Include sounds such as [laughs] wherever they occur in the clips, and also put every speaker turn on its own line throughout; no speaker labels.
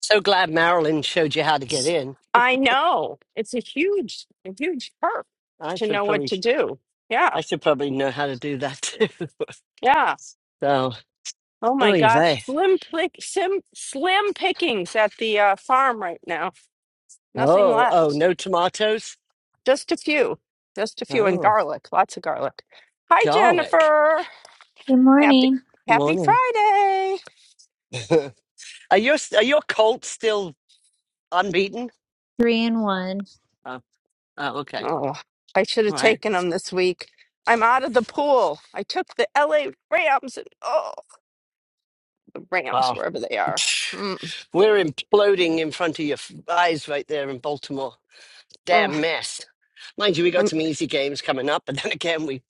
So glad Marilyn showed you how to get in.
I know. It's a huge, a huge perk
I
to
should
know what
probably,
to do. Yeah.
I should probably know how to do that too. [laughs]
Yeah.
so,
Oh my
oy
gosh.
vey.
Slim pick, sim, slim pickings at the uh, farm right now. Nothing
Oh, oh,
left.
no tomatoes.
Just a few. Just a few and
Oh,
garlic. Lots of garlic. Hi,
garlic.
Jennifer.
Good
Happy
morning.
Happy
Morning.
Friday.
[laughs] are your are your Colts still unbeaten?
Three and one.
Oh, oh okay.
Oh, I should
All
have
right.
taken them this week. I'm out of the pool. I took the LA Rams and oh, the Rams
Wow.
wherever they are. Mm.
[sniffs] We're imploding in front of your f- eyes right there in Baltimore.
Oh.
Damn mess. Mind you, we got some easy games coming up, but then [laughs] again, we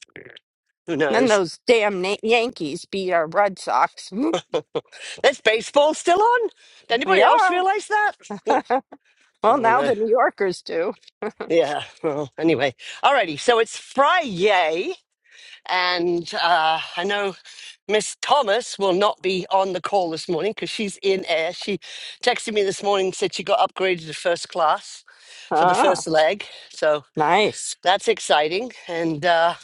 who
Then
knows.
those damn Na- Yankees beat our Red Sox. Mm,
Is baseball still on? Did anybody
Yeah.
else realize that?
[laughs]
I
Well,
don't
now
know.
the New Yorkers do.
Yeah. Well, anyway. Alrighty. So it's Friday, and uh, I know Miss Thomas will not be on the call this morning because she's in air. She texted me this morning said she got upgraded to first class for the
Ah,
first leg, so
nice.
that's exciting. And uh,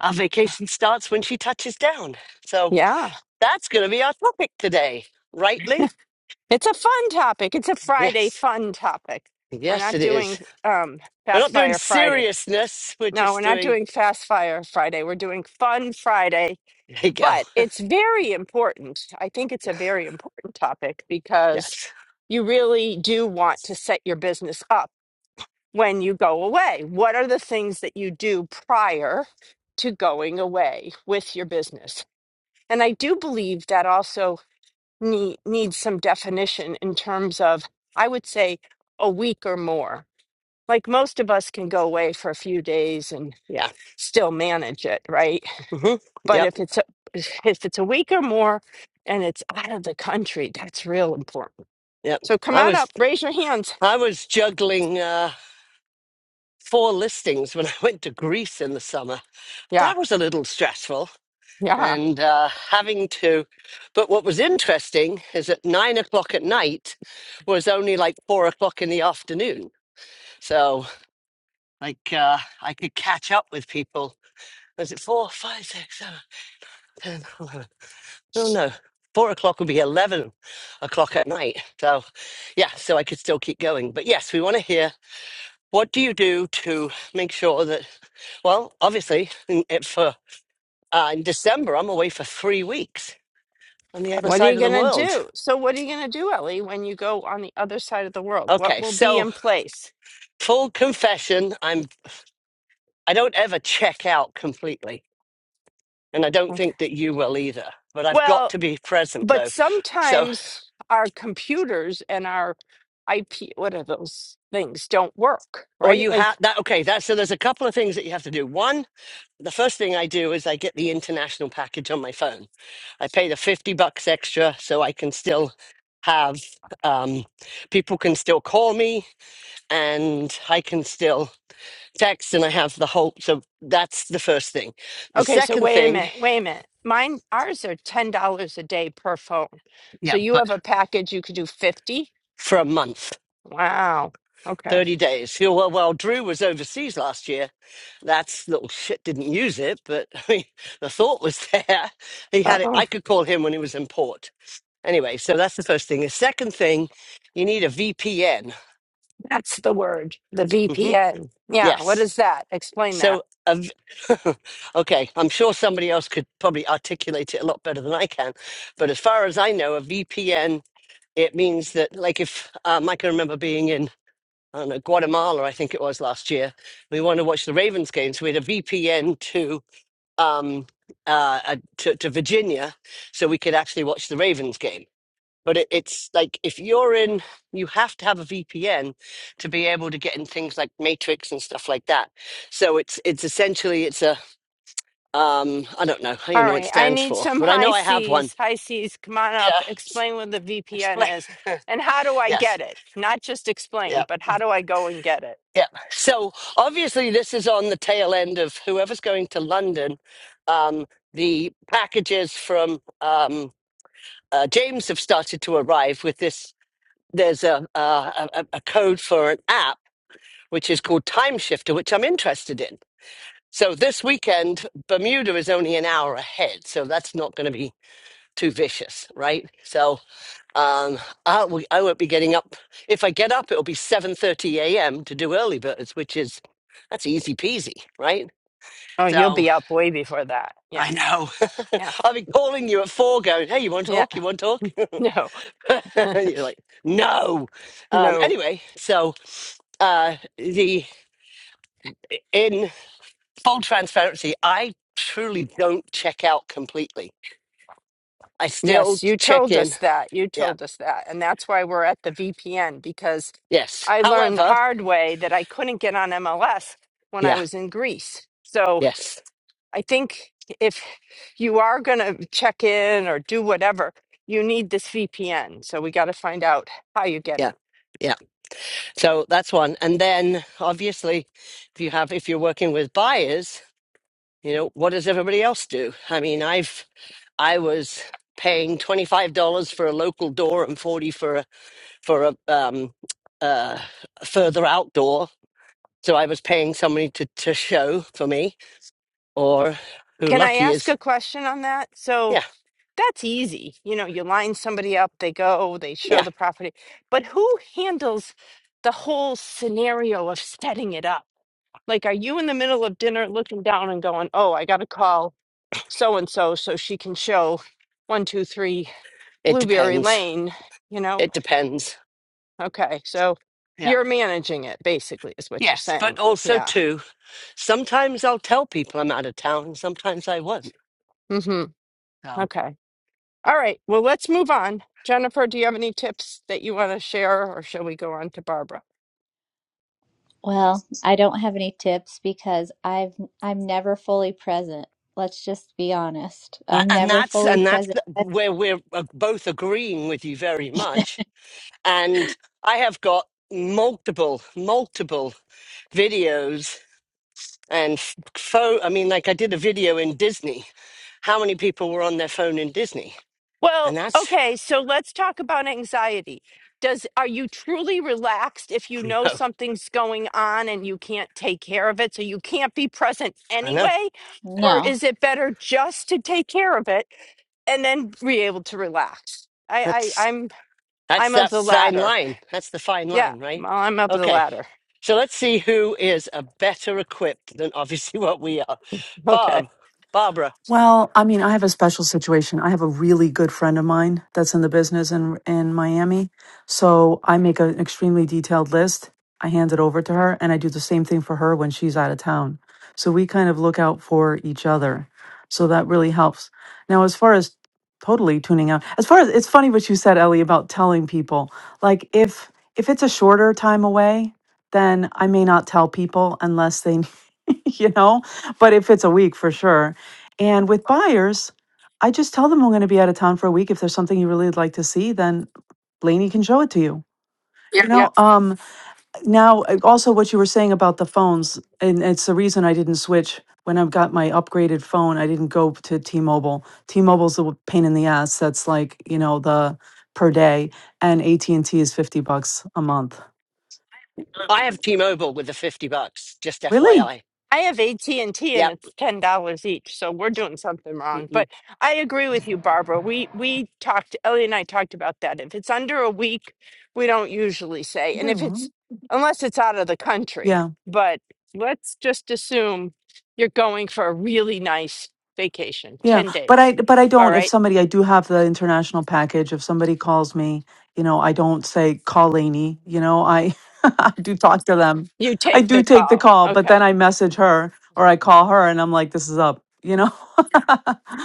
our vacation starts when she touches down. So
Yeah.
that's going to be our topic today, rightly?
It's a fun topic. It's a Friday
Yes.
fun topic. We're
Yes,
not
it is.
doing um,
We're
Fast
not doing
Fire Friday.
seriousness. We're
No, we're
just
not
doing.
doing Fast Fire Friday. We're doing Fun Friday,
There you go.
but it's very important. I think it's a very important topic because
Yes.
you really do want to set your business up when you go away? What are the things that you do prior to going away with your business? And I do believe that also need, needs some definition in terms of, I would say, a week or more. Like most of us can go away for a few days and
Yeah.
still manage it, right?
hmm
But
Yep.
if it's a, if it's a week or more and it's out of the country, that's real important.
Yep.
So come
I
on
was
up, raise your hands.
I was juggling uh, four listings when [laughs] I went to Greece in the summer.
Yeah,
That was a little stressful,
yeah.
and uh, having to. But what was interesting is at nine o'clock at night was only like four o'clock in the afternoon. So like uh, I could catch up with people. Was it four, five, six, seven, ten, eleven? Oh no, four o'clock would be 11 o'clock at night. So, yeah, so I could still keep going. But yes, we want to hear what do you do to make sure that, well, obviously, in, it- for uh, in December, I'm away for three weeks on the other
What are
side
you
of the
going to
world.
do? So, what are you going to do, Ellie, when you go on the other side of the world? What
Okay,
will be
so
in place?
full confession, I'm I don't ever check out completely, and I don't
Okay.
think that you will either. But I've got
Well,
to be present
but
though. So,
sometimes our computers and our IP, what are those things, don't work,
or
right?
you have
Like,
that. Okay, that so there's a couple of things that you have to do. One the first thing I do is I get the international package on my phone. I pay the 50 bucks extra so I can still have um, people can still call me and I can still text and I have the whole. So that's the first thing. The
okay, so
second
wait a
thing
minute, wait a minute. Mine, ours are $10 a day per phone. So you have a package, you could do 50.
for a month.
Wow. Okay.
30 days. You know, Well, while Drew was overseas last year, that's little shit didn't use it, but [laughs] I mean, the thought was [laughs] there. He
Uh
had it.
oh.
I could call him when he was in port. Anyway, so that's the first thing. The second thing, you need a VPN.
That's the word, the
hmm
VPN. Yeah. What
Yes.
is that? Explain that.
So, a v- [laughs] okay, I'm sure somebody else could probably articulate it a lot better than I can. But as far as I know, a VPN, it means that, like, if um, I can remember being in, I don't know, Guatemala, I think it was last year, we wanted to watch the Ravens game. So we had a VPN to, um, uh, uh, to, to Virginia so we could actually watch the Ravens game. But it, it's like if you're in, you have to have a VPN to be able to get in things like Matrix and stuff like that. So it's it's essentially it's a um I don't know how you
All
know what it
right, I
stands
need
for,
some
but I know
high
I have one.
Cs. High Cs, come on
Yeah,
up. Explain what the
explain.
VPN is
[laughs]
and how do I
yes,
get it? Not just explain,
yeah,
but how do I go and get it?
yeah. So obviously this is on the tail end of whoever's going to London. Um, the packages from um, uh, James have started to arrive with this. There's a, uh, a a a code for an app which is called Time Shifter, which I'm interested in. So this weekend, Bermuda is only an hour ahead, so that's not going to be too vicious, right? So um, I, w- I won't be getting up. If I get up, it'll be 7:30 a.m. to do early birds, which is that's easy peasy, right?
Oh, you'll
So
be up way before that.
I
Yeah.
know
Yeah.
[laughs] I'll be calling you at four, going, "Hey, you want to
Yeah.
talk?
[laughs]
You want to talk?"
No.
[laughs] and you're like, "No." Um,
No.
anyway, so uh, the in full transparency, I truly don't check out completely. I still
Yes, you
check
told
in.
us that. You
Yeah.
told us that. And that's why we're at the VPN because
Yes.
I learned the
However,
hard way that I couldn't get on MLS when I
yeah.
was in Greece. So
Yes.
I think if you are going to check in or do whatever, you need this VPN. So we got to find out how you get
Yeah.
it.
Yeah. So that's one. And then obviously, if you have, if you're working with buyers, you know, what does everybody else do? I mean, I've, I was paying $25 for a local door and 40 for a, for a, um, uh, further outdoor. So I was paying somebody to, to show for me or who
Can I
lucky
ask
is
a question on that? So
Yeah,
that's easy. You know, you line somebody up, they go, they show
yeah.
the property. But who handles the whole scenario of setting it up? Like, are you in the middle of dinner looking down and going, oh, I got to call so and so so she can show one, two, three
It
Blueberry
depends.
Lane? You know,
It depends.
Okay, so
Yeah.
you're managing it basically is what you're
Yes, but
saying.
also
Yeah.
too, sometimes I'll tell people I'm out of town. Sometimes I won't.
hmm
So,
Okay. All right. Well, let's move on. Jennifer, do you have any tips that you want to share or shall we go on to Barbara?
Well, I don't have any tips because I've I'm never fully present. Let's just be honest.
a-
I'm
and
never
that's
fully
and that's
present.
the- where we're uh, both agreeing with you very much. And I have got multiple, multiple videos and phone. I mean, like I did a video in Disney. How many people were on their phone in Disney? And
Well,
that's,
okay, so let's talk about anxiety. Does are you truly relaxed if you
[laughs]
know
No,
something's going on and you can't take care of it, so you can't be present
I know,
anyway? Or
No.
is it better just to take care of it and then be able to relax? I,
that's.
I I'm
That's
I'm of
that
the
fine
latter.
line. That's the fine
Yeah,
line, right?
well, I'm up the
Okay.
ladder. [laughs]
So let's see who is a better equipped than [laughs] obviously what we are.
Okay.
Bob, Barbara,
Well, I mean, I have a special situation. I have a really good friend of mine that's in the business in in Miami. So I make an extremely detailed list. I hand it over to her, and I do the same thing for her when she's out of town. So we kind of look out for each other. So that really helps. Now, as far as totally tuning out, as far as it's funny what you said, Ellie, about telling people. Like if if it's a shorter time away, then I may not tell people unless they [laughs] you know, but it fits a week for sure. And with buyers, I just tell them I'm going to be out of town for a week. If there's something you really would like to see, then Blaney can show it to you. Yeah. You know,
Yep.
um, now uh, also what you were saying about the phones, and it's the reason I didn't switch when I've got my upgraded phone. I didn't go to T-Mobile. T-Mobile's a pain in the ass. That's like you know the per day, and AT and T is fifty bucks a month.
I have T-Mobile with the 50 bucks, just
Really?
FYI.
I have AT&T and T, and
Yep.
it's $10 each, so we're doing something wrong.
Mm-mm.
But I agree with you, Barbara. We we talked Ellie and I talked about that. If it's under a week, we don't usually say.
I
And
get it
if it's
wrong?
unless it's out of the
Yeah.
country, but let's just assume you're going for a really nice vacation,
Yeah,
10
but I
days.
but I
All
don't. If
right.
somebody, I do have the international package. If somebody calls me, you know, I don't say call Lainey. You know, I [laughs] I do talk to them.
You
I
take
do
the
take the
call.
call, but
Okay.
then I message her or I call her, and I'm like, this is up. You know,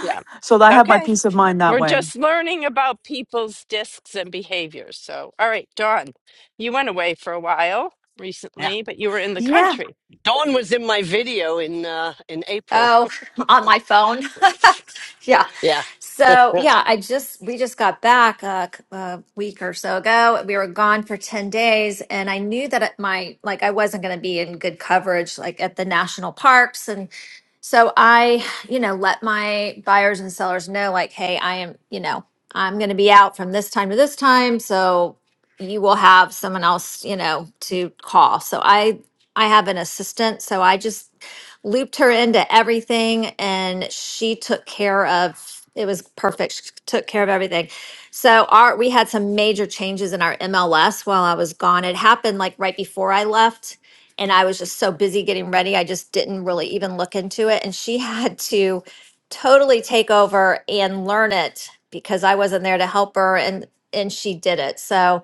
Yeah.
so
It's
I have my
okay.
peace of mind that
We're
way.
just learning about people's discs and behaviors. So, all right, Dawn, you went away for a while
Yeah.
recently, but you were in the
Yeah.
country.
Dawn was in my video in uh in April.
Oh, [laughs] on my phone. [laughs] yeah.
Yeah.
So, yeah, I just, we just got back a, c- a week or so ago. We were gone for 10 days, and I knew that at my, like, I wasn't going to be in good coverage, like at the national parks. And so I, you know, let my buyers and sellers know, like, hey, I am, you know, I'm going to be out from this time to this time. So you will have someone else, you know, to call. So I, I have an assistant. So I just, looped her into everything and she took care of it was perfect she took care of everything so our we had some major changes in our mls while i was gone it happened like right before i left and i was just so busy getting ready i just didn't really even look into it and she [laughs] had to totally take over and learn it because i wasn't there to help her and and she did it so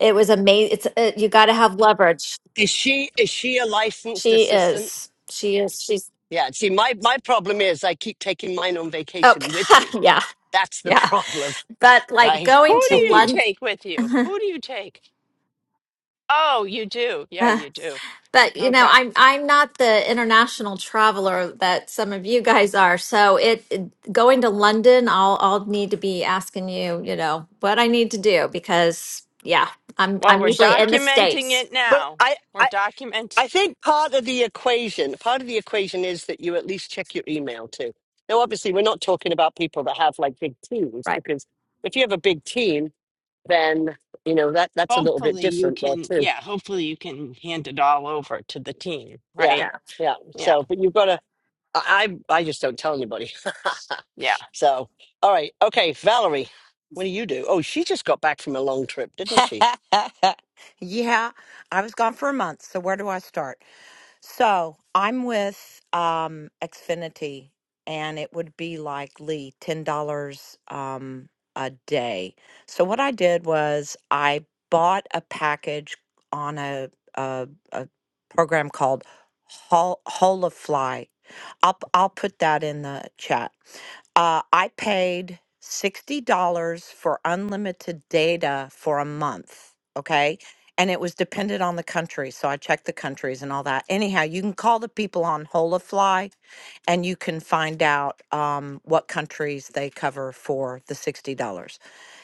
it was amazing it's uh you got to have leverage
Is she is she a licensed
she
assistant?
is she is she's
Yeah. See, my my problem is I keep taking mine on
oh
vacation with
[laughs]
me.
yeah
That's the [laughs]
Yeah,
problem,
but like
right?
Who
going to
do you
London,
take with
[laughs]
you?
uh,
Who do you take? Oh, you do. Yeah, you do.
but you know,
Okay.
I'm I'm not the international traveler that some of you guys are. So it, it- going to London, I'll I'll need to be asking you, you know, what I need to do because yeah, I'm I'm
Well, we're
usually in the
documenting
States.
it
But
now.
I,
We're
I
documenting.
I think part of the equation, part of the equation is that you at least check your email too. Now, obviously, we're not talking about people that have like big teams
Right.
because if you have a big team, then you know that that's a little bit
Hopefully, you
different there
can,
too.
yeah, hopefully, you can hand it all over to the team,
Yeah,
right?
yeah.
yeah.
Yeah,
So, but you've got to. I I I just don't tell anybody. [laughs]
yeah.
so, all right, okay, Valerie, what do you do? Oh, she just got back from a long trip, didn't she?
[laughs] yeah, I was gone for a month, so where do I start? So I'm with um, Xfinity, and it would be like Lee, ten dollars um, a day. So what I did was I bought a package on a a, a program called Hol- Holofly. I'll p- I'll put that in the chat. Uh, I paid sixty dollars for unlimited data for a month. Okay and it was dependent on the country. So I checked the countries and all that. Anyhow, you can call the people on Holafly and you can find out um, what countries they cover for the $60.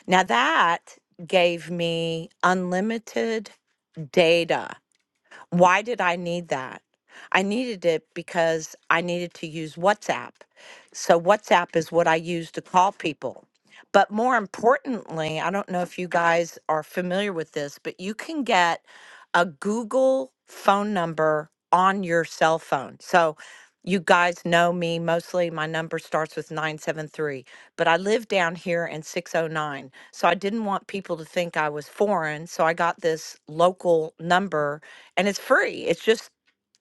Now that gave me unlimited data why did I need that? I needed it because I needed to use WhatsApp. So, WhatsApp is what I use to call people. But more importantly, I don't know if you guys are familiar with this, but you can get a Google phone number on your cell phone. So, you guys know me mostly. My number starts with 973, but I live down here in 609. So I didn't want people to think I was foreign. So I got this local number and it's free. It's just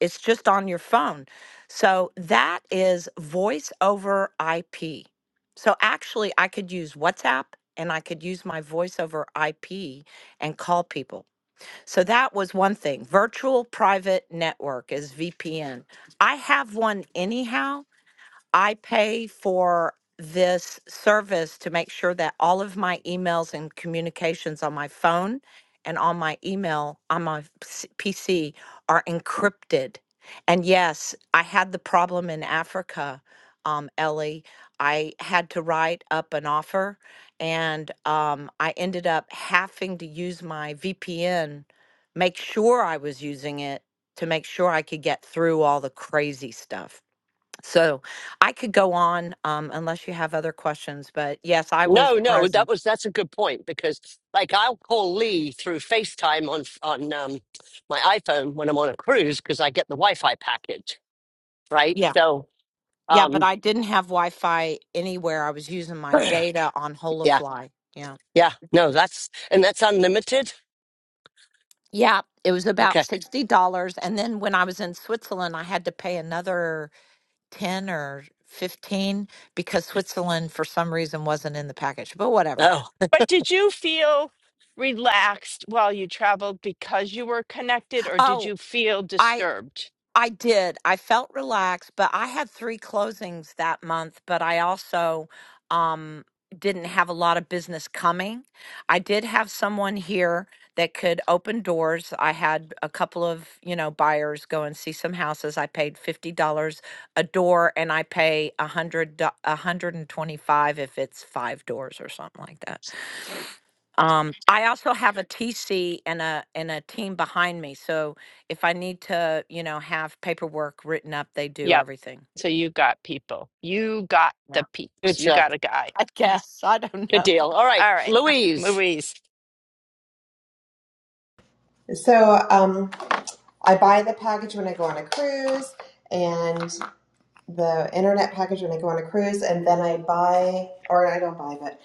it's just on your phone. So that is voice over IP. So actually I could use WhatsApp and I could use my voice over IP and call people. So that was one thing. Virtual private network is VPN. I have one anyhow I pay for this service to make sure that all of my emails and communications on my phone and on my email on my PC are encrypted. And yes, I had the problem in Africa, um, Ellie. I had to write up an offer, and um, I ended up having to use my VPN, make sure I was using it to make sure I could get through all the crazy stuff. So I could go on um, unless you have other questions. But yes, I was
No, no, that
present.
was that's a good point because like I'll call Lee through FaceTime on on um, my iPhone when I'm on a cruise because I get the Wi-Fi package, right?
Yeah.
So,
Yeah. But
um,
I didn't have Wi Fi anywhere. I was using
[clears throat]
my
yeah,
data on Holofly. Yeah.
yeah, no, that's and that's unlimited.
Yeah. It was about
Okay.
$60. And then when I was in Switzerland, I had to pay another 10 or 15 because Switzerland, for some reason, wasn't in the package, but whatever.
Oh,
But did you feel relaxed while you traveled because you were connected, or did
Oh,
you feel
I.
disturbed?
I did. I felt relaxed, but I had three closings that month, but I also um didn't have a lot of business coming. I did have someone here that could open doors. I had a couple of, you know, buyers go and see some houses. I paid $50 a door and I pay a 100 a 125 if it's 5 doors or something like that. Um, I also have a TC and a and a team behind me. So if I need to, you know, have paperwork written up, they do
Yep.
everything.
So you got people. You got the
Yeah.
good
peeps. You
job,
got a guy.
I guess. I don't
good
know.
deal. All right,
All right,
[laughs]
Louise.
Louise.
So um, I buy the package when I go on a cruise and the internet package when I go on a cruise and then I buy or I don't buy but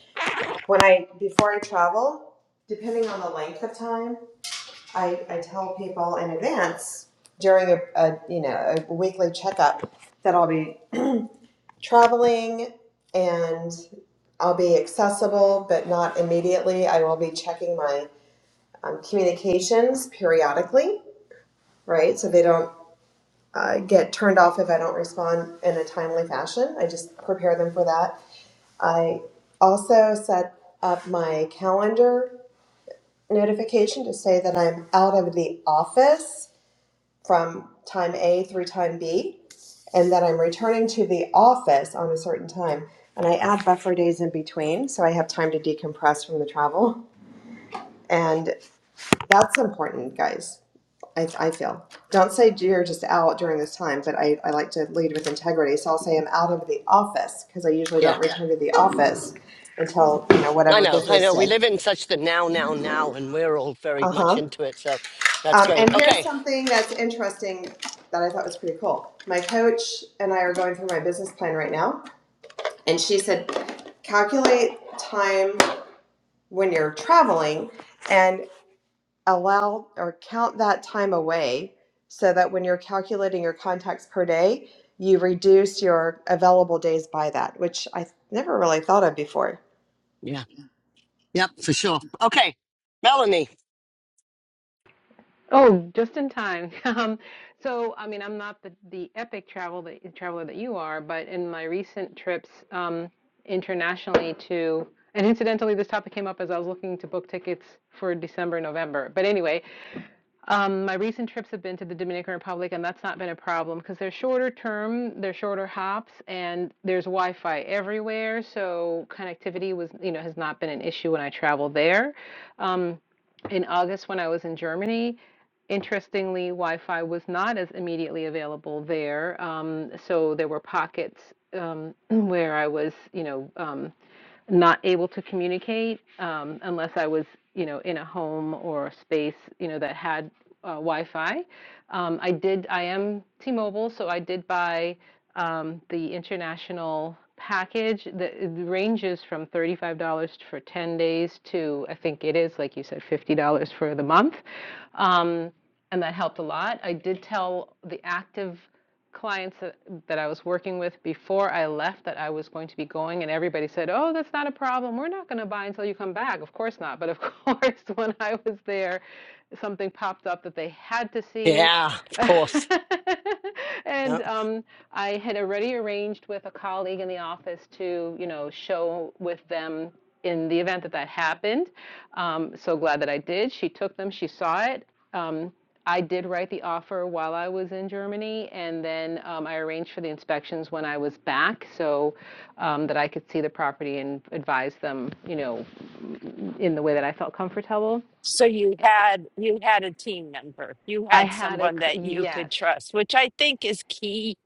when I before I travel, depending on the length of time, I, I tell people in advance during a, a you know a weekly checkup that I'll be traveling and I'll be accessible but not immediately. I will be checking my um, communications periodically, right? So they don't uh, get turned off if I don't respond in a timely fashion. I just prepare them for that. I also set up my calendar notification to say that I'm out of the office from time A through time B and that I'm returning to the office on a certain time. And I add buffer days in between so I have time to decompress from the travel. And that's important, guys I, I feel. Don't say you're just out during this time, but I, I like to lead with integrity. So I'll say I'm out of the office because I usually
Yeah,
don't return to the office until, you know,
I
whatever
know, I
business
know. We
day.
live in such the now, now, now, and we're all very
Uh
much
huh.
into it. So that's
Um,
great.
and here's
Okay.
something that's interesting that I thought was pretty cool. My coach and I are going through my business plan right now, and she said, calculate time when you're traveling. and. allow or count that time away so that when you're calculating your contacts per day, you reduce your available days by that, which I never really thought of before.
Yeah. Yep. For sure. Okay, Melanie.
Oh, just in time. [laughs] Um, so, I mean, I'm not the, the epic travel that, traveler that you are, but in my recent trips um, internationally to, and incidentally, this topic came up as I was looking to book tickets for December, November. But anyway, um, my recent trips have been to the Dominican Republic, and that's not been a problem because they're shorter term, they're shorter hops, and there's Wi-Fi everywhere, so connectivity was, you know, has not been an issue when I travel there. Um, in August, when I was in Germany, interestingly, Wi Fi was not as immediately available there. Um, so there were pockets um, [clears throat] where I was, you know. Um, not able to communicate um, unless I was, you know, in a home or a space, you know, that had uh, Wi-Fi. Um, I did. I am T-Mobile, so I did buy um, the international package that ranges from $35 for 10 days to I think it is like you said $50 for the month. Um, and that helped a lot. I did tell the active clients that, that I was working with before I left that I was going to be going, and everybody said, "Oh, that's not a problem. We're not going to buy until you come back." Of course not. But of [laughs] course, when I was there, something popped up that they had to see.
Yeah, of
[laughs]
course.
and um, I had already arranged with a colleague in the office to, you know, show with them in the event that that happened. Um, so glad that I did. She took them, she saw it. Um, I did write the offer while I was in Germany, and then um, I arranged for the inspections when I was back, so um, that I could see the property and advise them, you know, in the way that I felt comfortable.
So you had you had a team member. You
I
had
had a
someone that you
yes.
could trust, which I think is key.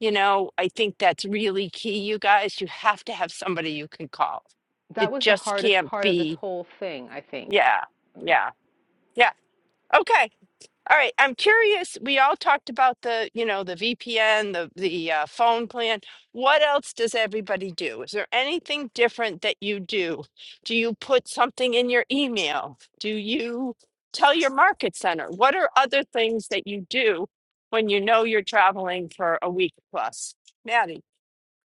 You know, I think that's really key, you guys. You have to have somebody you can call.
That
It
was the
just
hardest
can't
part of this
be.
whole thing, I think.
Yeah. Yeah. Yeah. Okay. All right, I'm curious. We all talked about the, you know, the VPN, the the uh, phone plan. What else does everybody do? Is there anything different that you do? Do you put something in your email? Do you tell your market center? What are other things that you do when you know you're traveling for a week plus? Maddie,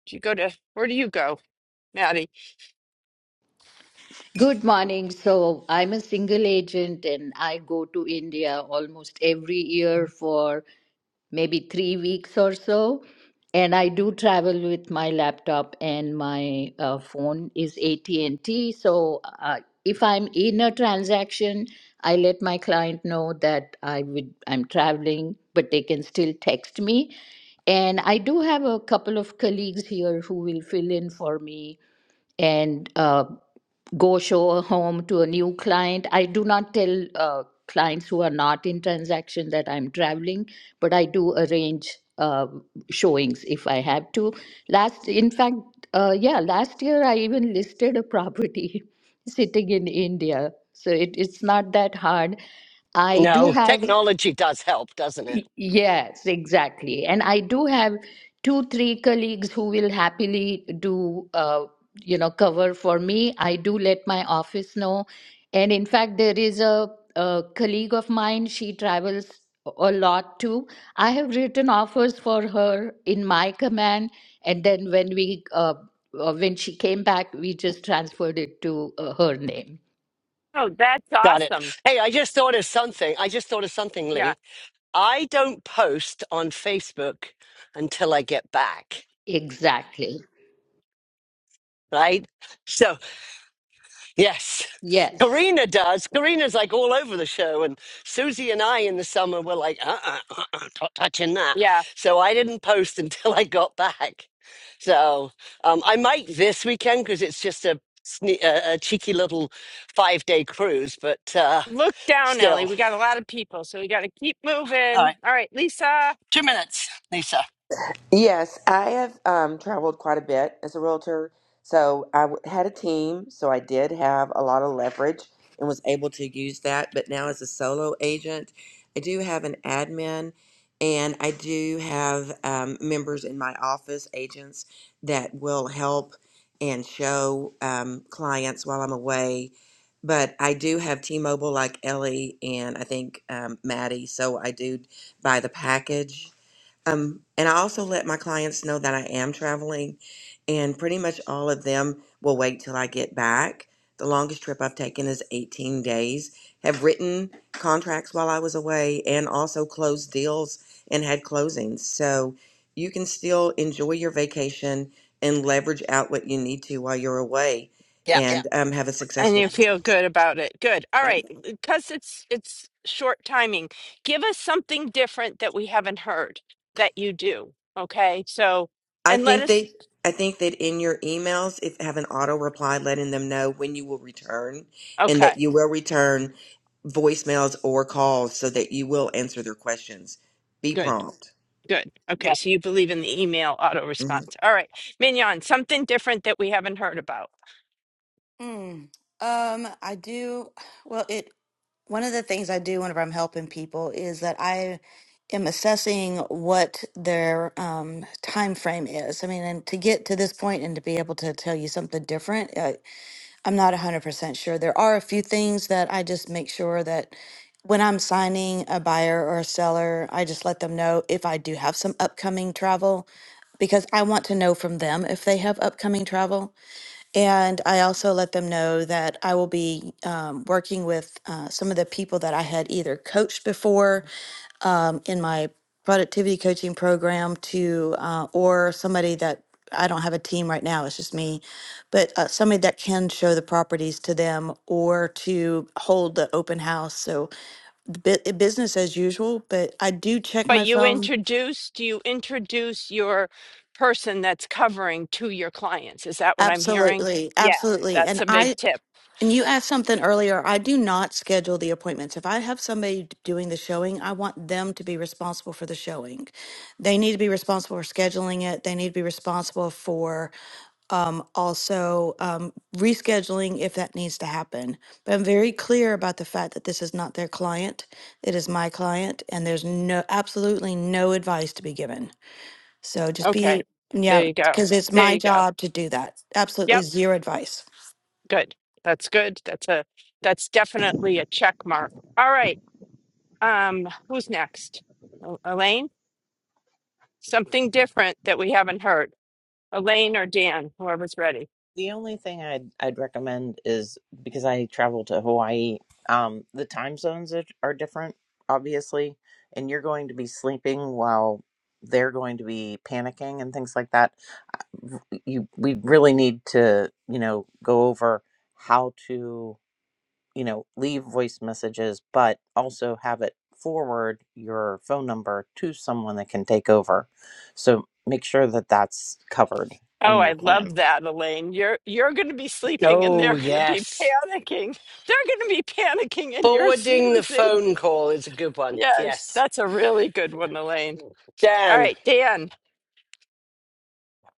do you go to where do you go, Maddie?
Good morning. So I'm a single agent and I go to India almost every year for maybe three weeks or so. And I do travel with my laptop and my uh, phone is AT&T. So uh, if I'm in a transaction, I let my client know that I would I'm traveling, but they can still text me. And I do have a couple of colleagues here who will fill in for me and uh, go show a home to a new client. I do not tell uh, clients who are not in transaction that I'm traveling, but I do arrange uh, showings if I have to. Last, in fact, uh, yeah, last year I even listed a property [laughs] sitting in India. So it, it's not that hard. I do
No,
have.
technology does help, doesn't it?
Y- Yes, exactly. And I do have two, three colleagues who will happily do, uh, you know, cover for me. I do let my office know. And in fact, there is a, a colleague of mine, she travels a lot too. I have written offers for her in my command. And then when we, uh, uh, when she came back, we just transferred it to uh, her name.
Oh, that's
Got it.
awesome.
Hey, I just thought of something. I just thought of something,
Yeah,
Lee. I don't post on Facebook until I get back,
Exactly.
right? So, yes,
Yes.
Karina does. Karina's like all over the show, and Susie and I in the summer were like, uh uh-uh, uh, uh not touching that.
yeah.
So I didn't post [laughs] until I got back. So um, I might this weekend because it's just a, sne- a, a cheeky little five day cruise, but. Uh,
Look down, Ellie.
Still.
We got a lot of people, so we got to keep
All
moving.
right.
All right, Lisa.
Two minutes, Lisa.
Yes, I have um, traveled quite a bit as a realtor. So I w- had a team, so I did have a lot of leverage and was able to use that. But now, as a solo agent, I do have an admin and I do have um, members in my office, agents that will help and show um, clients while I'm away. But I do have T Mobile, like Ellie and I think um, Maddie. So I do buy the package um, and I also let my clients know that I am traveling, and pretty much all of them will wait till I get back. The longest trip I've taken is 18 days. Have written contracts while I was away and also closed deals and had closings. So you can still enjoy your vacation and leverage out what you need to while you're away
Yeah.
Yeah. and um, have a
And
successful
you
business.
feel good about it. Good. All
Yeah.
right. Because it's it's short timing. Give us something different that we haven't heard that you do. Okay. So
I
and let
think
us
that I think that in your emails, if have an auto reply letting them know when you will return, and that
okay.
you will return voicemails or calls so that you will answer their questions. Be
Good.
prompt.
Good.
yeah.
Okay. So you believe in the email auto
Mm-hmm.
response. All right. Mignon, something different that we haven't heard about.
Mm. Um, I do. Well, it one of the things I do whenever I'm helping people is that I am assessing what their um, time frame is. I mean, and to get to this point and to be able to tell you something different, uh, I'm not 100% sure. There are a few things that I just make sure that when I'm signing a buyer or a seller, I just let them know if I do have some upcoming travel because I want to know from them if they have upcoming travel and I also let them know that I will be um, working with uh, some of the people that I had either coached before um, in my productivity coaching program to, uh, or somebody that I don't have a team right now, it's just me, but uh, somebody that can show the properties to them or to hold the open house. So the bu- eh, business as usual, but I do check
But
my
you
phone.
introduced you introduce your person that's covering to your clients. Is that what I'm hearing?
Absolutely,
Yeah.
absolutely. And
That's a
I
big tip.
And you asked something earlier. I do not schedule the appointments. If I have somebody d- doing the showing, I want them to be responsible for the showing. They need to be responsible for scheduling it. They need to be responsible for um, also um, rescheduling if that needs to happen. But I'm very clear about the fact that this is not their client. It is my client, and there's no absolutely no advice to be given. So just be
Okay. There
yeah,
you go.
because it's
There
my
you go.
job to do that. Absolutely
Yep.
zero advice.
Good. That's good. That's a that's definitely a check mark. All right. Um, who's next? El- Elaine? Something different that we haven't heard. Elaine or Dan, whoever's ready.
The only thing I'd I'd recommend is because I travel to Hawaii, um, the time zones are, are different, obviously, and you're going to be sleeping while they're going to be panicking and things like that. Uh, You we really need to you know go over how to you know leave voice messages, but also have it forward your phone number to someone that can take over. So make sure that that's covered
Oh,
in
I
your plan.
love that, Elaine. You're you're gonna be sleeping and
Oh,
they're gonna be
yes.
panicking. They're gonna be panicking and you're
Forwarding the
snoozing.
phone call is a good one.
Yes,
Yes.
that's a really good one, Elaine. All
Dan,
right, Dan.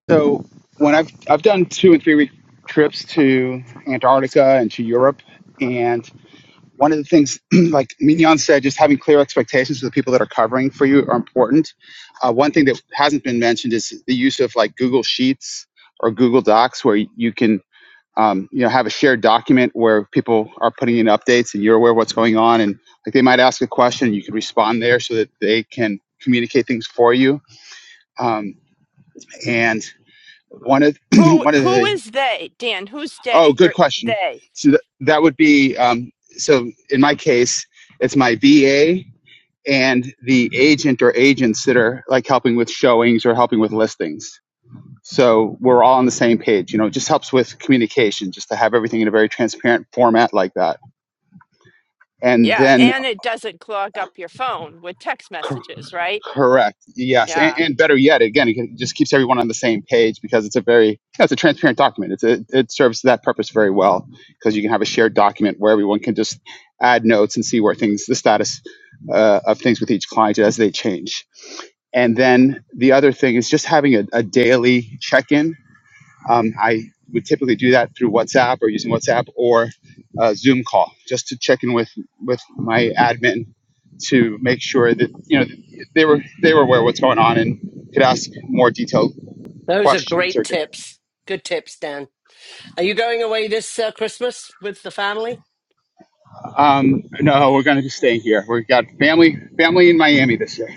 So when I've I've done two and three week trips to Antarctica and to Europe, and one of the things, [clears throat] like Mignon said, just having clear expectations for the people that are covering for you are important. Uh, one thing that hasn't been mentioned is the use of like Google Sheets or Google Docs, where you can um, you know have a shared document where people are putting in updates and you're aware of what's going on, and like they might ask a question, and you can respond there so that they can communicate things for you. Um, and one of [clears throat]
Who
one of
who
the
is they? Dan, who's
Oh,
they?
good
You're
question.
they.
So th- that would be um, so. In my case, it's my VA and the agent or agents that are like helping with showings or helping with listings. So we're all on the same page. You know, it just helps with communication, just to have everything in a very transparent format like that. And
Yeah,
then
and it doesn't clog up your phone with text
c-
messages, right?
Correct. Yes, and,
Yeah.
and better yet, again, it can- just keeps everyone on the same page because it's a very you it's a transparent document. It's a, it serves that purpose very well because you can have a shared document where everyone can just add notes and see where things the status uh, of things with each client as they change. And then the other thing is just having a, a daily check in um, I would typically do that through WhatsApp or using WhatsApp or a Zoom call just to check in with, with my admin to make sure that you know they were they were aware of what's going on and could ask more detailed
those are
questions.
great
Or
tips. Good tips, Dan. Are you going away this uh, Christmas with the family?
um, no, we're going to be staying here. We've got family family in Miami this year.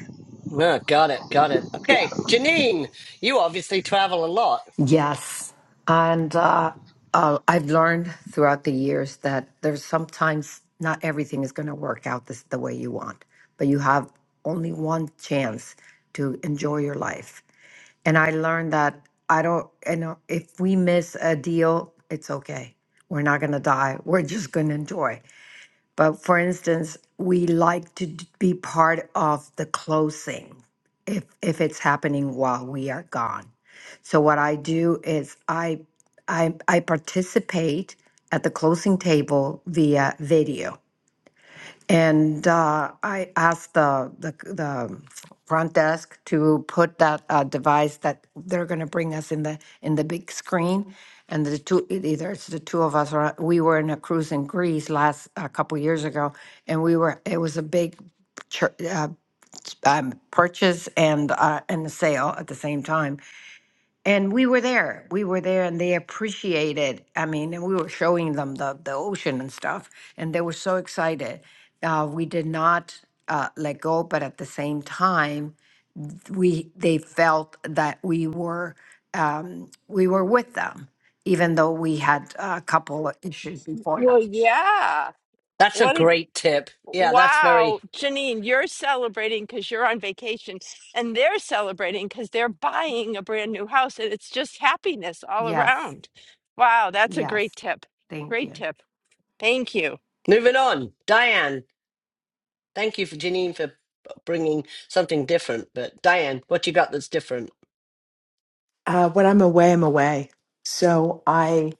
No, got it. Got it.
Yeah.
Okay. Janine, you obviously travel a lot.
Yes. And uh, uh, I've learned throughout the years that there's sometimes not everything is going to work out this, the way you want, but you have only one chance to enjoy your life. And I learned that I don't, you know, if we miss a deal, it's okay. We're not going to die. We're just going to enjoy. But for instance, we like to d- be part of the closing if if it's happening while we are gone. So what I do is I I I participate at the closing table via video. And uh, I asked the, the the front desk to put that uh, device that they're going to bring us in the in the big screen, and the two it either it's the two of us or we were in a cruise in Greece last a couple years ago, and we were it was a big chur- uh, um, purchase and uh, and a sale at the same time, and we were there. We were there and they appreciated. I mean, and we were showing them the, the ocean and stuff, and they were so excited. Uh, we did not uh, let go, but at the same time, we they felt that we were um, we were with them, even though we had a couple of issues before that.
Well, yeah.
That's a
What a
great tip. Yeah, that's
wow,
very.
Janine, you're celebrating because you're on vacation, and they're celebrating because they're buying a brand new house, and it's just happiness all
Yes,
around. Wow, that's a
yes.
great tip.
Thank
Great
you.
tip. Thank you.
Moving on. Diane, thank you for Janine for bringing something different. But Diane, what you got that's different?
Uh, when I'm away, I'm away. So I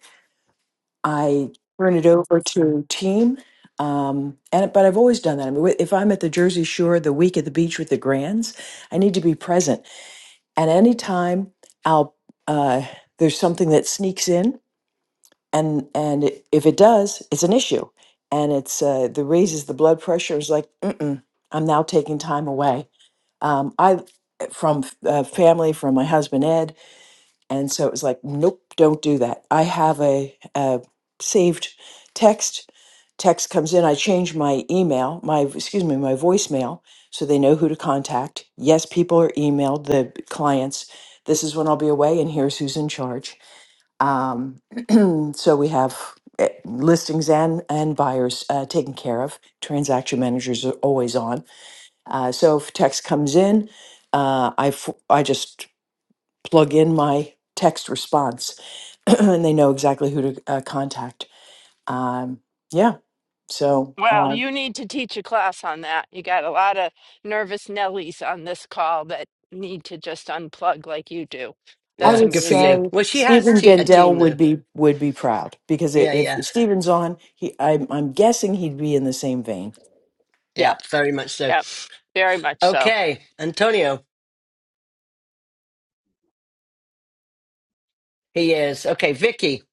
I turn it over to team. Um, and but I've always done that. I mean, if I'm at the Jersey Shore the week at the beach with the Grands, I need to be present. And anytime I'll uh, there's something that sneaks in, and and it, if it does, it's an issue, and it's uh, the raises the blood pressure. It's like Mm-mm, I'm now taking time away. Um, I from uh, family, from my husband Ed and so it was like, nope, don't do that. I have a, a saved text. Text comes in. I change my email, my excuse me, my voicemail, so they know who to contact. Yes, people are emailed the clients. This is when I'll be away, and here's who's in charge. Um, [clears throat] so we have eh, listings and and buyers uh, taken care of. Transaction managers are always on. Uh, so if text comes in, uh, I f- I just plug in my text response [clears throat] and they know exactly who to uh, contact. Um, yeah. So
Well,
um,
you need to teach a class on that. You got a lot of nervous Nellies on this call that need to just unplug like you do.
I
That's
Yeah,
would
good for you.
amazing.
say
Well, she has
Stephen
te- a
Gendel
team
would
though.
be would be proud because i-
Yeah,
if
yeah,
Stephen's on, he I'm, I'm guessing he'd be in the same vein.
Yeah.
yeah, very much so.
Yep, very much so.
Okay, Antonio, he is. Okay, Vicky.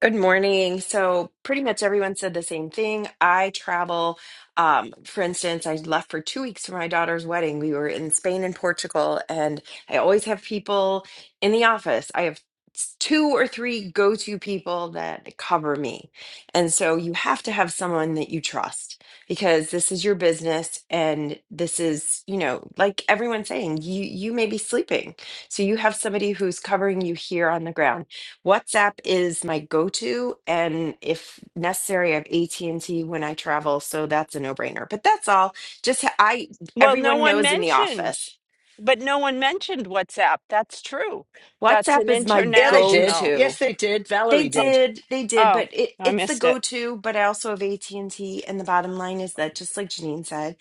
Good morning. So, pretty much everyone said the same thing. I travel, um, for instance, I left for two weeks for my daughter's wedding. We were in Spain and Portugal, and I always have people in the office. I have s- two or three go to people that cover me. And so, you have to have someone that you trust because this is your business. And this is, you know, like everyone's saying, you, you may be sleeping. So, you have somebody who's covering you here on the ground. WhatsApp is my go-to, and if necessary, I have AT&T when I travel, so that's a no-brainer. But that's all. Just ha- I
Well, no
everyone
one
knows in the
mentioned,
office.
but no one mentioned WhatsApp. That's true. That's
WhatsApp
an
is my
Yeah, they did.
international.
go-to.
Yes, they did.
They
Valerie
Oh,
did.
did, they did,
oh,
but it,
I
it's the
missed it.
go-to. But I also have AT&T, and T, and the bottom line is that, just like Janine said,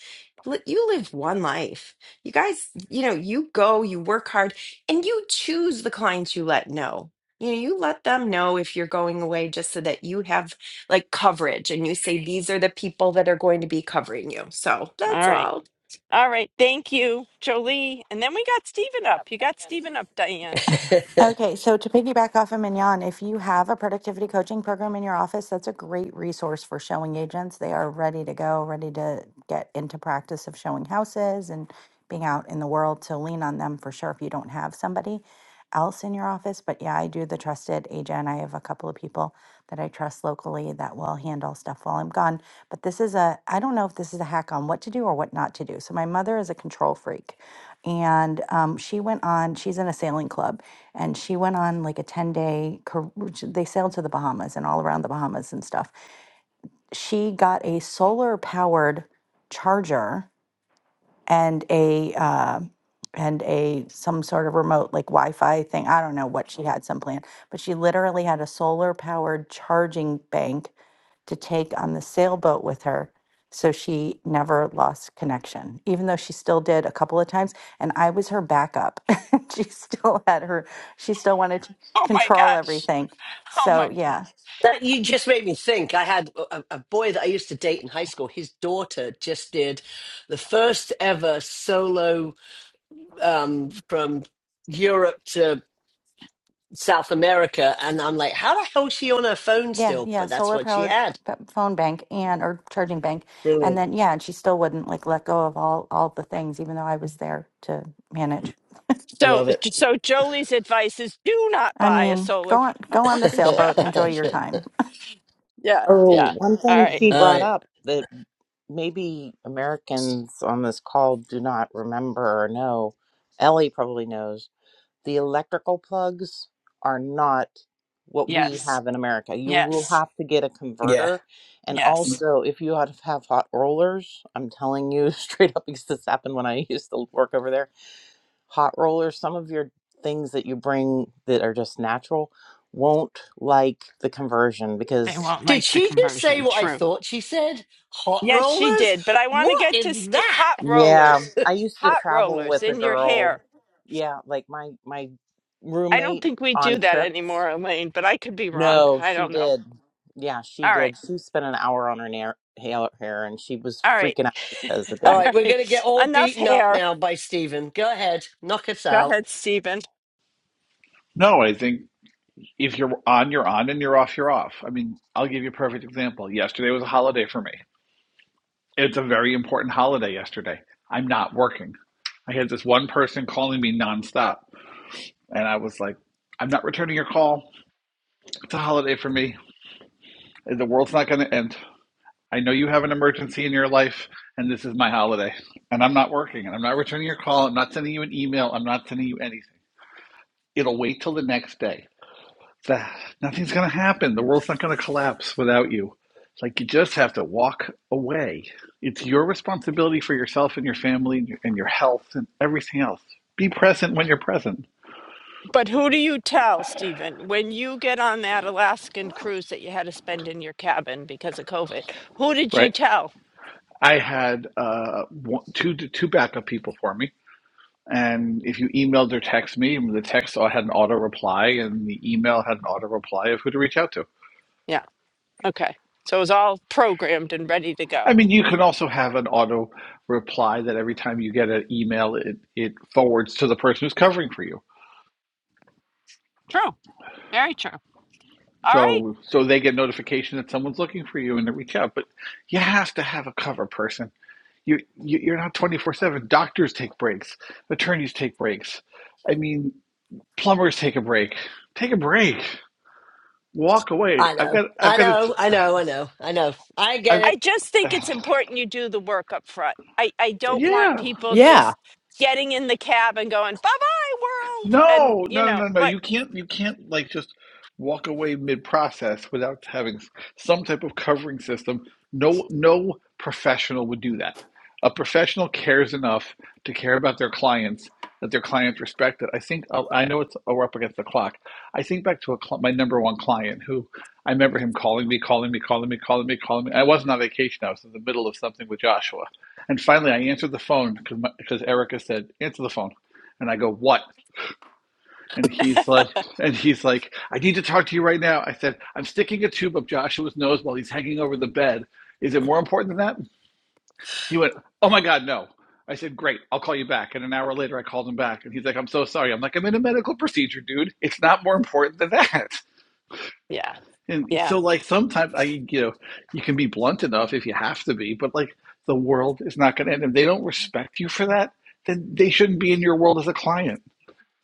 li- you live one life. You guys, you know, you go, you work hard, and you choose the clients you let know. You know, you let them know if you're going away just so that you have like coverage, and you say these are the people that are going to be covering you. So that's
All right.
all.
All right. Thank you, Jolie. And then we got Stephen up. You got Stephen up,
[laughs]
Diane.
that
Okay, so to piggyback off of Mignon, if you have a productivity coaching program in your office, that's a great resource for showing agents. They are ready to go, ready to get into practice of showing houses and being out in the world. to lean on them for sure if you don't have somebody else in your office. But yeah, I do the trusted agent. I have a couple of people that I trust locally that will handle stuff while I'm gone. But this is a, I don't know if this is a hack on what to do or what not to do. So my mother is a control freak and um, she went on she's in a sailing club and she went on like a 10 day they sailed to the bahamas and all around the bahamas and stuff she got a solar powered charger and a uh, and a some sort of remote like Wi-Fi thing. I don't know what she had some plan, but she literally had a solar powered charging bank to take on the sailboat with her. So she never lost connection, even though she still did a couple of times. And I was her backup. [laughs] she still had her, she still wanted to
Oh my
control
gosh.
everything.
Oh
So,
my.
yeah.
you just made me think. I had a, a boy that I used to date in high school. His daughter just did the first ever solo um, from Europe to South America, and I'm like, how the hell is she on her phone
Yeah,
still?
yeah,
But that's
solar
what she
powered
had.
p- p- phone bank and or charging bank, and
Brilliant.
then yeah, and she still wouldn't like let go of all all the things, even though I was there to manage.
I
So,
love it.
so Jolie's advice is do not
I
buy a
mean,
solar
go on go on
power
the
[laughs]
sailboat, enjoy your
charger.
time. [laughs]
Yeah.
[laughs]
Oh,
yeah.
Yeah.
one
All
thing
right.
she brought
Uh,
up that maybe Americans on this call do not remember or know. Ellie probably knows. The electrical plugs are not what we
Yes.
have in America. You will
Yes.
have to get a
yeah.
converter. And
Yes.
also, if you had- have hot rollers, I'm telling you [laughs] straight up because this happened when I used to work over there, hot rollers, some of your things that you bring that are just natural won't like the conversion
They
because
won't
Did
like the
she just say
conversion.
what I
True.
thought she said? Hot
Yes, she
rollers?
did. But I want to
What
get
is
to sti
that?
hot
Yeah,
rollers,
[laughs]
I used to
hot
travel
rollers
with a
in your
girl.
hair.
Yeah, like my my
I don't
roommate
think we do
on
that
trips.
anymore, Elaine, but I could be wrong.
No,
I
she
don't know.
did. Yeah, she
All right.
did. She spent an hour on her nair, hair, hair, and she was
All right.
freaking out because it
[laughs]
All
All
didn't.
right, we're going to get
right.
all
Enough
beaten up
hair.
now by Steven. Go ahead, knock us
Go
out.
ahead, Stephen.
No, I think if you're on, you're on, and you're off, you're off. I mean, I'll give you a perfect example. Yesterday was a holiday for me. It's a very important holiday yesterday. I'm not working. I had this one person calling me nonstop, and I was like, I'm not returning your call. It's a holiday for me. The world's not going to end. I know you have an emergency in your life, and this is my holiday. And I'm not working, and I'm not returning your call. I'm not sending you an email. I'm not sending you anything. It'll wait till the next day that nothing's going to happen. The world's not going to collapse without you. It's like you just have to walk away. It's your responsibility for yourself and your family and your, and your health and everything else. Be present when you're present,
But who do you tell, Stephen, when you get on that Alaskan cruise that you had to spend in your cabin because of COVID? Who did you
right?
tell?
I had uh, one, two two backup people for me, and if you emailed or text me, the text had an auto reply, and the email had an auto reply of who to reach out to.
Yeah. Okay. So it was all programmed and ready to go.
I mean, you can also have an auto reply that every time you get an email, it, it forwards to the person who's covering for you
True. Very true. All right.
So so they get notification that someone's looking for you and they reach out. But you have to have a cover person. You, you you're not 24/7. Doctors take breaks. Attorneys take breaks. I mean, plumbers take a break. Take a break. Walk away.
I
I've
know,
got I've
I
got a
know, I know, I know, I know. I
I've
get
I just think it's
[sighs]
important you do the work up front. I, I don't
it.
want
yeah.
people
Yeah.
just getting in the cab and going, bye bye, world. And,
No,
you
no, no,
know,
no. no.
but
You can't you can't like just walk away mid-process without having s- some type of covering system. No no professional would do that. A professional cares enough to care about their clients that their clients respect it. I think i I know it's oh, we're up against the clock. I think back to a cl my number one client who I remember him calling me, calling me, calling me, calling me, calling me. I wasn't on vacation. I was in the middle of something with Joshua. And finally I answered the phone because because Erica said, "Answer the phone." And I go, "What?" And he's like, and he's like, I need to talk to you right now. I said, I'm sticking a tube up Joshua's nose while he's hanging over the bed. Is it more important than that? He went, Oh my God, no. I said, Great, I'll call you back. And an hour later, I called him back. And he's like, I'm so sorry. I'm like, I'm in a medical procedure, dude. It's not more important than that. [laughs]
yeah,
And
yeah,
so, like, sometimes I, you know, you can be blunt enough if you have to be, but like, the world is not going to end. If they don't respect you for that, then they shouldn't be in your world as a client.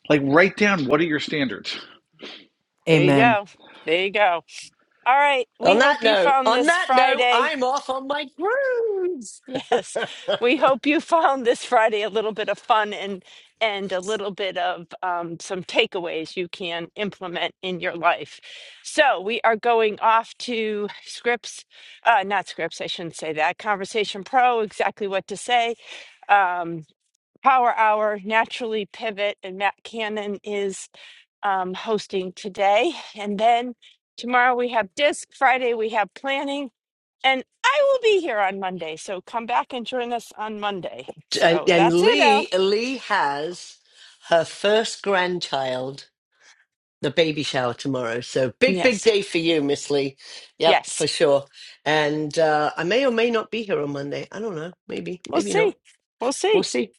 Like, write down what are your standards
there you
Amen.
go. There you go. All right. We
On that
hope you
note,
found
on
this
that note,
Friday.
I'm off on my cruise.
Yes, we hope you [laughs] found this Friday a little bit of fun and and a little bit of um, some takeaways you can implement in your life. So we are going off to Scripps, uh, not Scripps, I shouldn't say that. Conversation Pro, exactly what to say. Um, Power Hour, Naturally Pivot, and Matt Cannon is um, hosting today, and then tomorrow we have Disc. Friday we have planning. And I will be here on Monday, so come back and join us on Monday.
and,
So
and
that's it, Al.
Lee Lee has her first grandchild, the baby shower tomorrow. So big, big
Yes,
day for you, Miss Lee. Yep,
yes.
for sure. And uh, I may or may not be here on Monday. I don't know. Maybe,
We'll
maybe not.
see. We'll
We'll
see.
see.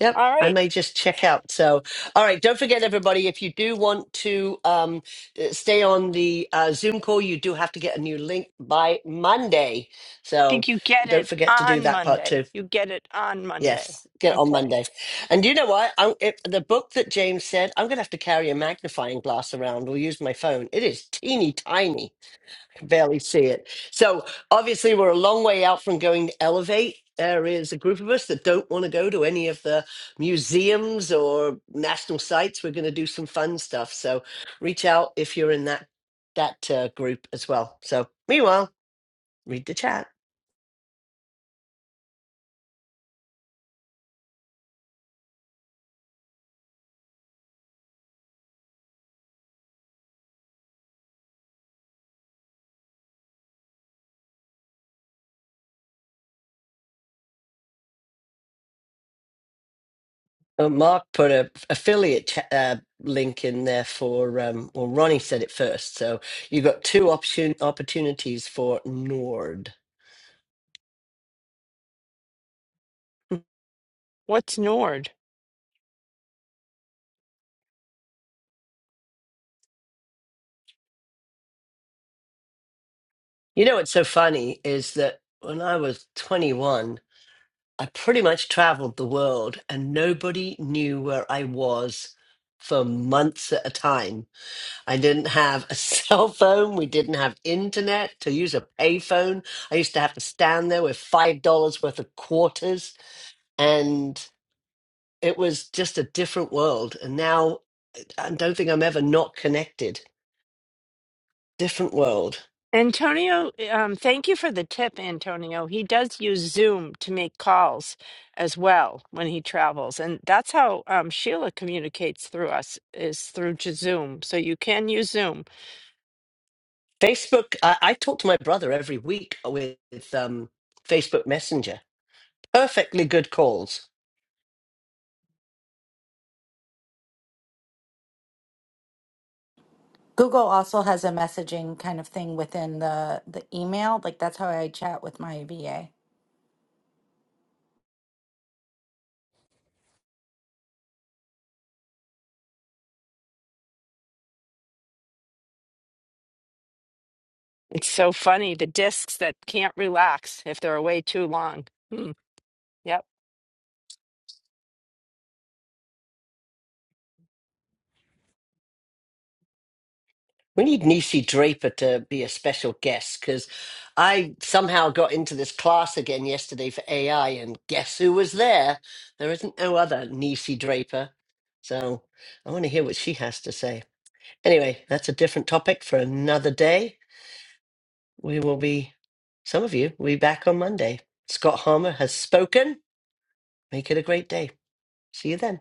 Yep,
All
I
right.
may just check out. So, all right, don't forget, everybody, if you do want to um, uh, stay on the uh, Zoom call, you do have to get a new link by Monday. So,
think you get
don't
it
forget to do
on
that part too.
Monday. You get it on Monday.
Yes, get on
Okay.
Monday. And you know what? I'm, it, the book that James said, I'm going to have to carry a magnifying glass around or use my phone. It is teeny tiny, can barely see it. So obviously, we're a long way out from going to Elevate. There is a group of us that don't want to go to any of the museums or national sites. We're going to do some fun stuff. So reach out if you're in that that uh, group as well. So meanwhile, read the chat. Well, Mark put a affiliate cha- uh, link in there for. Um, well, Ronnie said it first, so you got two option opportunities for Nord.
What's Nord?
You know what's so funny is that when I was 21, I pretty much traveled the world, and nobody knew where I was for months at a time. I didn't have a [laughs] cell phone. We didn't have internet to use a payphone. I used to have to stand there with five dollars worth of quarters. and it was just a different world. And now I don't think I'm ever not connected. Different world.
Antonio, um, thank you for the tip, Antonio. He does use Zoom to make calls as well when he travels. And that's how um, Sheila communicates through us is through to Zoom. So you can use Zoom
Facebook, I, I talk to my brother every week with um, Facebook Messenger. Perfectly good calls.
Google also has a messaging kind of thing within the the email, like that's how I chat with my VA.
It's so funny. The discs that can't relax if they're away too long. Hmm. Yep.
We need Nisi Draper to be a special guest because I somehow got into this class again yesterday for AI, and guess who was there? There isn't no other Nisi Draper. So I want to hear what she has to say. Anyway, that's a different topic for another day. We will be, some of you will be back on Monday. Scott Harmer has spoken. Make it a great day. See you then.